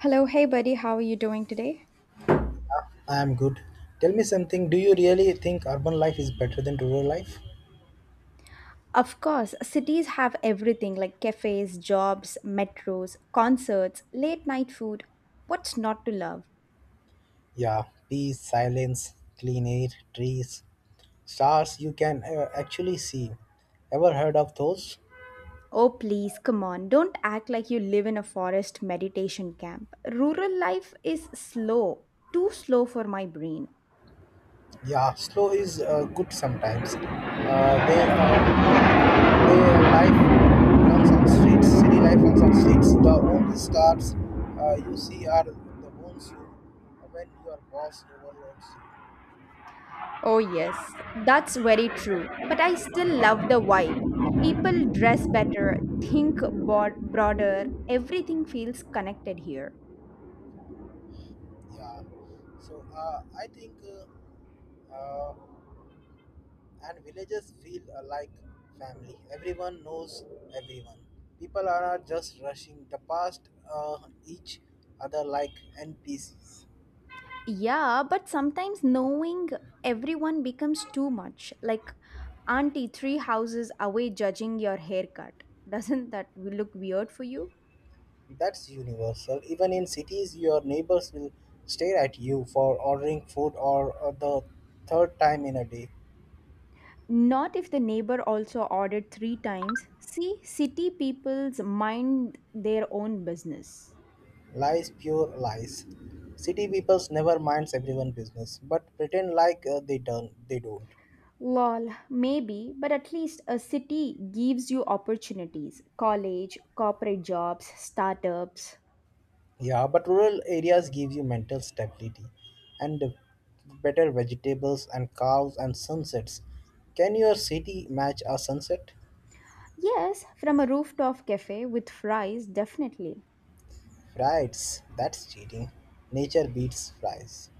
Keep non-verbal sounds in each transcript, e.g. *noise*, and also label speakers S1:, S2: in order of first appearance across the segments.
S1: Hello, hey buddy, how are you doing today?
S2: I am good. Tell me something. Do you really think urban life is better than rural life?
S1: Of course, cities have everything like cafes, jobs, metros, concerts, late night food. What's not to love?
S2: Yeah, peace, silence, clean air, trees, stars you can actually see. Ever heard of those?
S1: Oh, please, come on, don't act like you live in a forest meditation camp. Rural life is slow, too slow for my brain.
S2: Yeah, slow is good sometimes. They life runs on streets, city life runs on streets. The only stars you see are the ones you when your boss overloads you.
S1: Oh, yes, that's very true, but I still love the vibe. People dress better, think broader, everything feels connected here.
S2: Yeah, so I think. Uh, uh, and villages feel like family. Everyone knows everyone. People are not just rushing the past each other like NPCs.
S1: Yeah, but sometimes knowing everyone becomes too much. Like auntie three houses away judging your haircut. *laughs* Doesn't that look weird for you?
S2: That's universal. Even in cities, your neighbors will stare at you for ordering food or the third time in a day.
S1: Not if the neighbor also ordered three times. See, city people's mind their own business.
S2: Lies, pure lies. City people's never minds everyone business, but pretend like they don't. They don't.
S1: Lol, maybe, but at least a city gives you opportunities college, corporate jobs, startups.
S2: Yeah, but rural areas give you mental stability and better vegetables and cows and sunsets. Can your city match a sunset?
S1: Yes, from a rooftop cafe with fries, definitely.
S2: Right, that's cheating. Nature beats flies.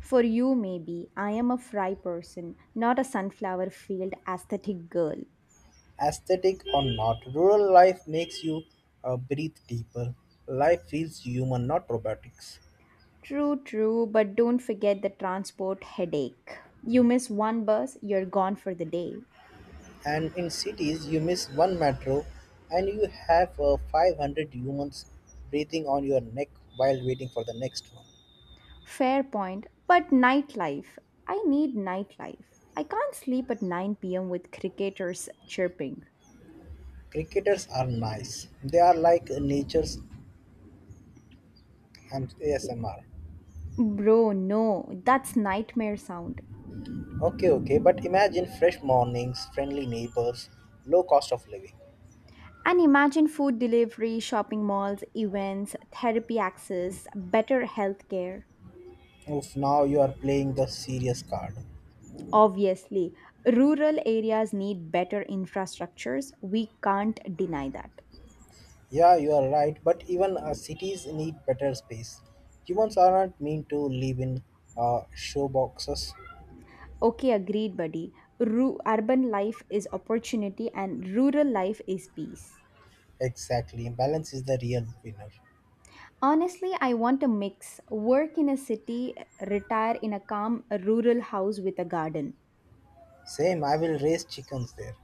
S1: For you, maybe. I am a fry person, not a sunflower field aesthetic girl.
S2: Aesthetic or not, rural life makes you breathe deeper. Life feels human, not robotics.
S1: True, true, but don't forget the transport headache. You miss one bus, you're gone for the day.
S2: And in cities, you miss one metro and you have 500 humans breathing on your neck while waiting for the next one.
S1: Fair point, but nightlife. I need nightlife. I can't sleep at 9 p.m. with cricketers chirping.
S2: Cricketers are nice. They are like nature's ASMR.
S1: Bro, no, that's nightmare sound.
S2: Okay, okay, but imagine fresh mornings, friendly neighbors, low cost of living.
S1: And imagine food delivery, shopping malls, events, therapy access, better healthcare.
S2: Oof, now you are playing the serious card.
S1: Obviously, rural areas need better infrastructures. We can't deny that.
S2: Yeah, you are right, but even cities need better space. Humans are not meant to live in show boxes.
S1: Okay, agreed, buddy. Urban life is opportunity and rural life is peace.
S2: Exactly, balance is the real winner.
S1: Honestly, I want a mix work in a city, retire in a calm rural house with a garden.
S2: Same, I will raise chickens there.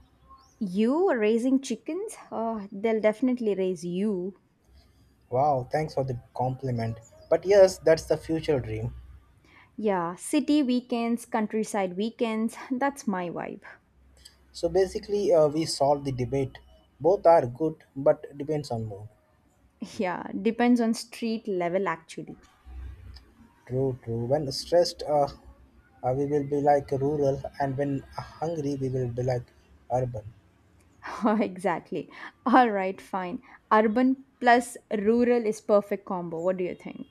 S1: You raising chickens? Oh, they'll definitely raise you.
S2: Wow, thanks for the compliment. But yes, that's the future dream.
S1: Yeah, city weekends, countryside weekends. That's my vibe.
S2: So basically, we solve the debate. Both are good, but depends on mood.
S1: *laughs* Yeah, depends on street level actually.
S2: True, true. When stressed, we will be like rural, and when hungry, we will be like urban.
S1: *laughs* Exactly. All right, fine. Urban plus rural is perfect combo. What do you think?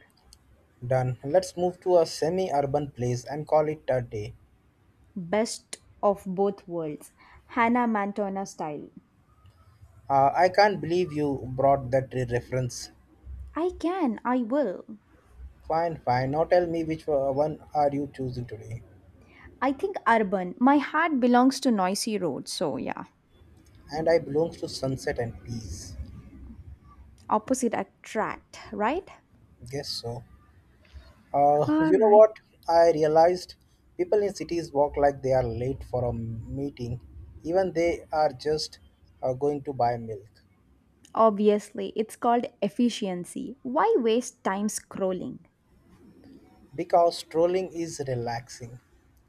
S2: Done. Let's move to a semi-urban place and call it a day.
S1: Best of both worlds. Hannah Montana style.
S2: I can't believe you brought that reference.
S1: I can, I will.
S2: Fine, fine. Now tell me which one are you choosing today?
S1: I think urban. My heart belongs to noisy roads, so yeah.
S2: And I belongs to sunset and peace.
S1: Opposite attract, right?
S2: Guess so.
S1: All
S2: You know
S1: right.
S2: what? I realized people in cities walk like they are late for a meeting, even they are just going to buy milk,
S1: Obviously, it's called efficiency. Why waste time scrolling?
S2: because strolling is relaxing.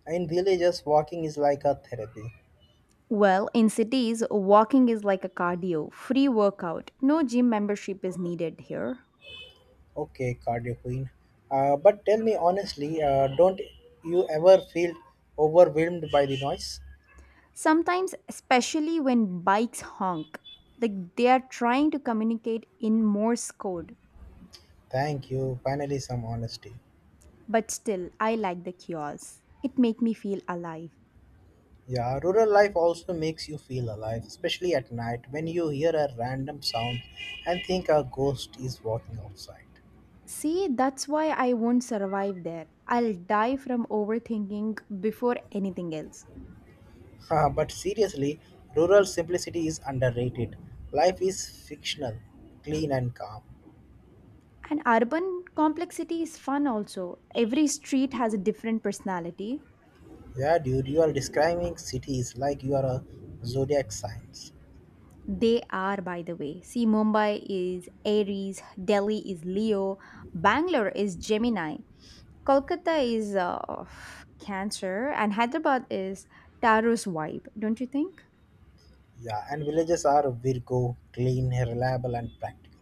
S2: In villages, walking is like a therapy.
S1: Well, in cities, walking is like a cardio, free workout. No gym membership is needed here.
S2: Okay, cardio queen. But tell me honestly, don't you ever feel overwhelmed by the noise?
S1: Sometimes, especially when bikes honk, like they are trying to communicate in Morse code.
S2: Thank you. Finally, some honesty.
S1: But still, I like the chaos. It make me feel alive.
S2: Yeah, rural life also makes you feel alive, especially at night when you hear a random sound and think a ghost is walking outside.
S1: See, that's why I won't survive there. I'll die from overthinking before anything else.
S2: *laughs* But seriously, rural simplicity is underrated. Life is fictional, clean, and calm.
S1: And urban complexity is fun also. Every street has a different personality.
S2: Yeah, dude, you are describing cities like you are a zodiac signs.
S1: They are, by the way. See, Mumbai is Aries, Delhi is Leo, Bangalore is Gemini. Kolkata is cancer and Hyderabad is Taro's vibe, don't you think?
S2: Yeah, and villages are Virgo, clean, reliable, and practical.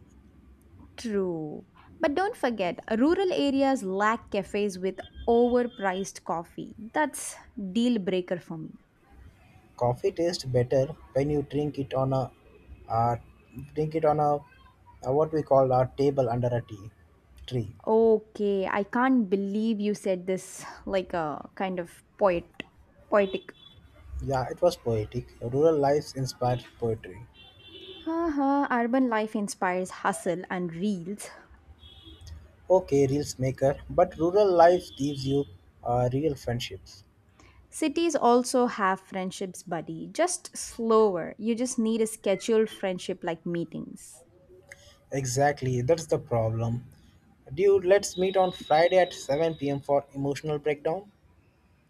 S1: True. But don't forget, rural areas lack cafes with overpriced coffee. That's deal breaker for me.
S2: Coffee tastes better when you drink it on a uh, what we call a table under a tea tree.
S1: Okay, I can't believe you said this like a kind of poetic.
S2: Yeah, it was poetic. Rural life inspired poetry.
S1: Haha, urban life inspires hustle and reels.
S2: Okay, reels maker, but rural life gives you real friendships.
S1: Cities also have friendships, buddy, just slower. You just need a scheduled friendship like meetings.
S2: Exactly, that's the problem. Dude, let's meet on Friday at 7 p.m. for emotional breakdown.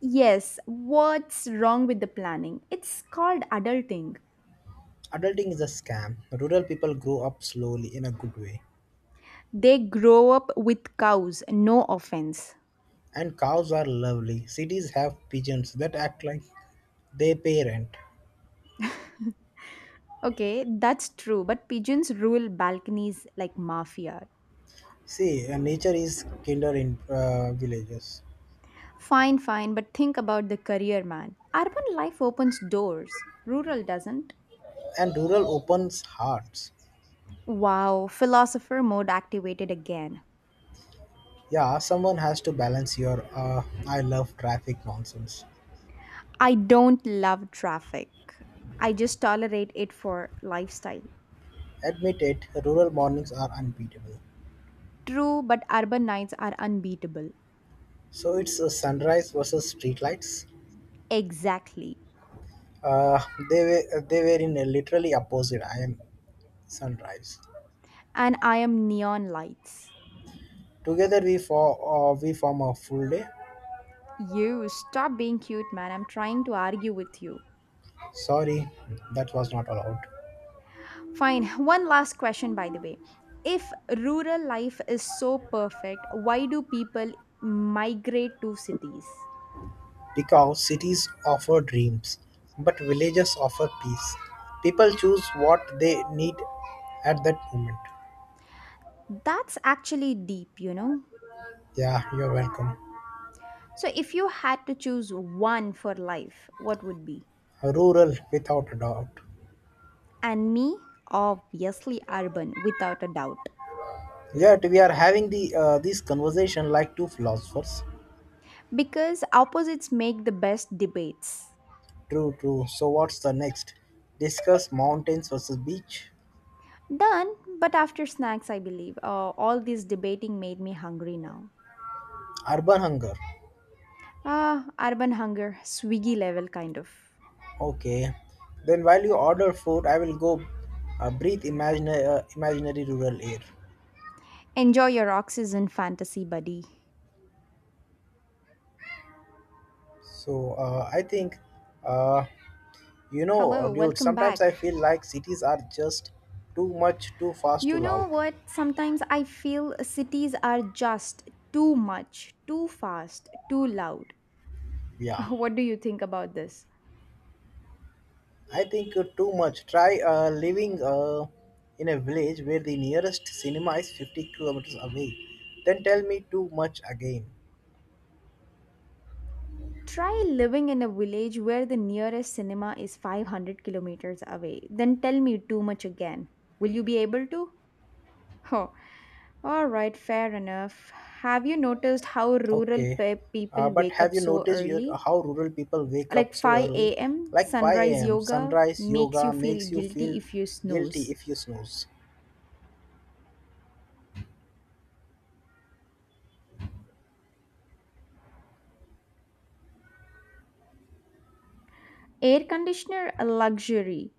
S1: Yes, what's wrong with the planning? It's called adulting.
S2: Adulting is a scam. Rural people grow up slowly in a good way.
S1: They grow up with cows, no offense.
S2: And cows are lovely. Cities have pigeons that act like they pay rent.
S1: Okay, that's true, but pigeons rule balconies like mafia.
S2: See, nature is kinder in villages,
S1: Fine, fine, but think about the career man. Urban life opens doors, rural doesn't.
S2: and rural opens hearts.
S1: Wow, philosopher mode activated again.
S2: Yeah, someone has to balance your "I love traffic" nonsense.
S1: I don't love traffic. I just tolerate it for lifestyle.
S2: Admit it, rural mornings are unbeatable.
S1: True, but urban nights are unbeatable.
S2: So it's sunrise versus streetlights.
S1: Exactly.
S2: Uh, they were in a literally opposite. I am sunrise.
S1: And I am neon lights.
S2: Together we for we form a full day.
S1: You stop being cute, man. I'm trying to argue with you.
S2: Sorry, that was not allowed.
S1: Fine. One last question, by the way. If rural life is so perfect, why do people migrate to cities?
S2: Because cities offer dreams, but villages offer peace. People choose what they need at that moment.
S1: That's actually deep, you know?
S2: Yeah, you're welcome.
S1: So, if you had to choose one for life, what would be?
S2: Rural, without a doubt.
S1: And me, obviously urban, without a doubt.
S2: Yet we are having the this conversation like two philosophers.
S1: Because opposites make the best debates.
S2: True, true. So what's the next? Discuss mountains versus beach.
S1: Done, but after snacks, I believe. All this debating made me hungry now.
S2: Urban hunger.
S1: Ah, urban hunger, swiggy level kind of.
S2: Okay. Then while you order food, I will go breathe imaginary rural air.
S1: Enjoy your oxygen fantasy, buddy.
S2: So I think uh, You know,
S1: Hello,
S2: Dude,
S1: welcome
S2: sometimes I
S1: back.
S2: feel like cities are just too much, too fast, too
S1: You
S2: loud.
S1: know what? Sometimes I feel cities are just too much, too fast, too loud.
S2: Yeah,
S1: *laughs* What do you think about this?
S2: I think too much. Try living in a village where the nearest cinema is 50 kilometers away. Then tell me too much again.
S1: Try living in a village where the nearest cinema is 500 kilometers away. Then tell me too much again. Will you be able to? *laughs* Oh, all right, fair enough. Have you noticed how rural
S2: Okay,
S1: people
S2: but
S1: wake
S2: have
S1: up
S2: you
S1: so
S2: noticed your,
S1: early?
S2: how rural people wake up
S1: Like
S2: so early?
S1: 5 a.m.,
S2: Like 5
S1: sunrise
S2: a.m.
S1: yoga
S2: sunrise
S1: makes
S2: yoga
S1: you
S2: makes
S1: feel
S2: you
S1: guilty
S2: feel
S1: if you
S2: guilty
S1: snooze.
S2: if you snooze.
S1: Air conditioner, a luxury.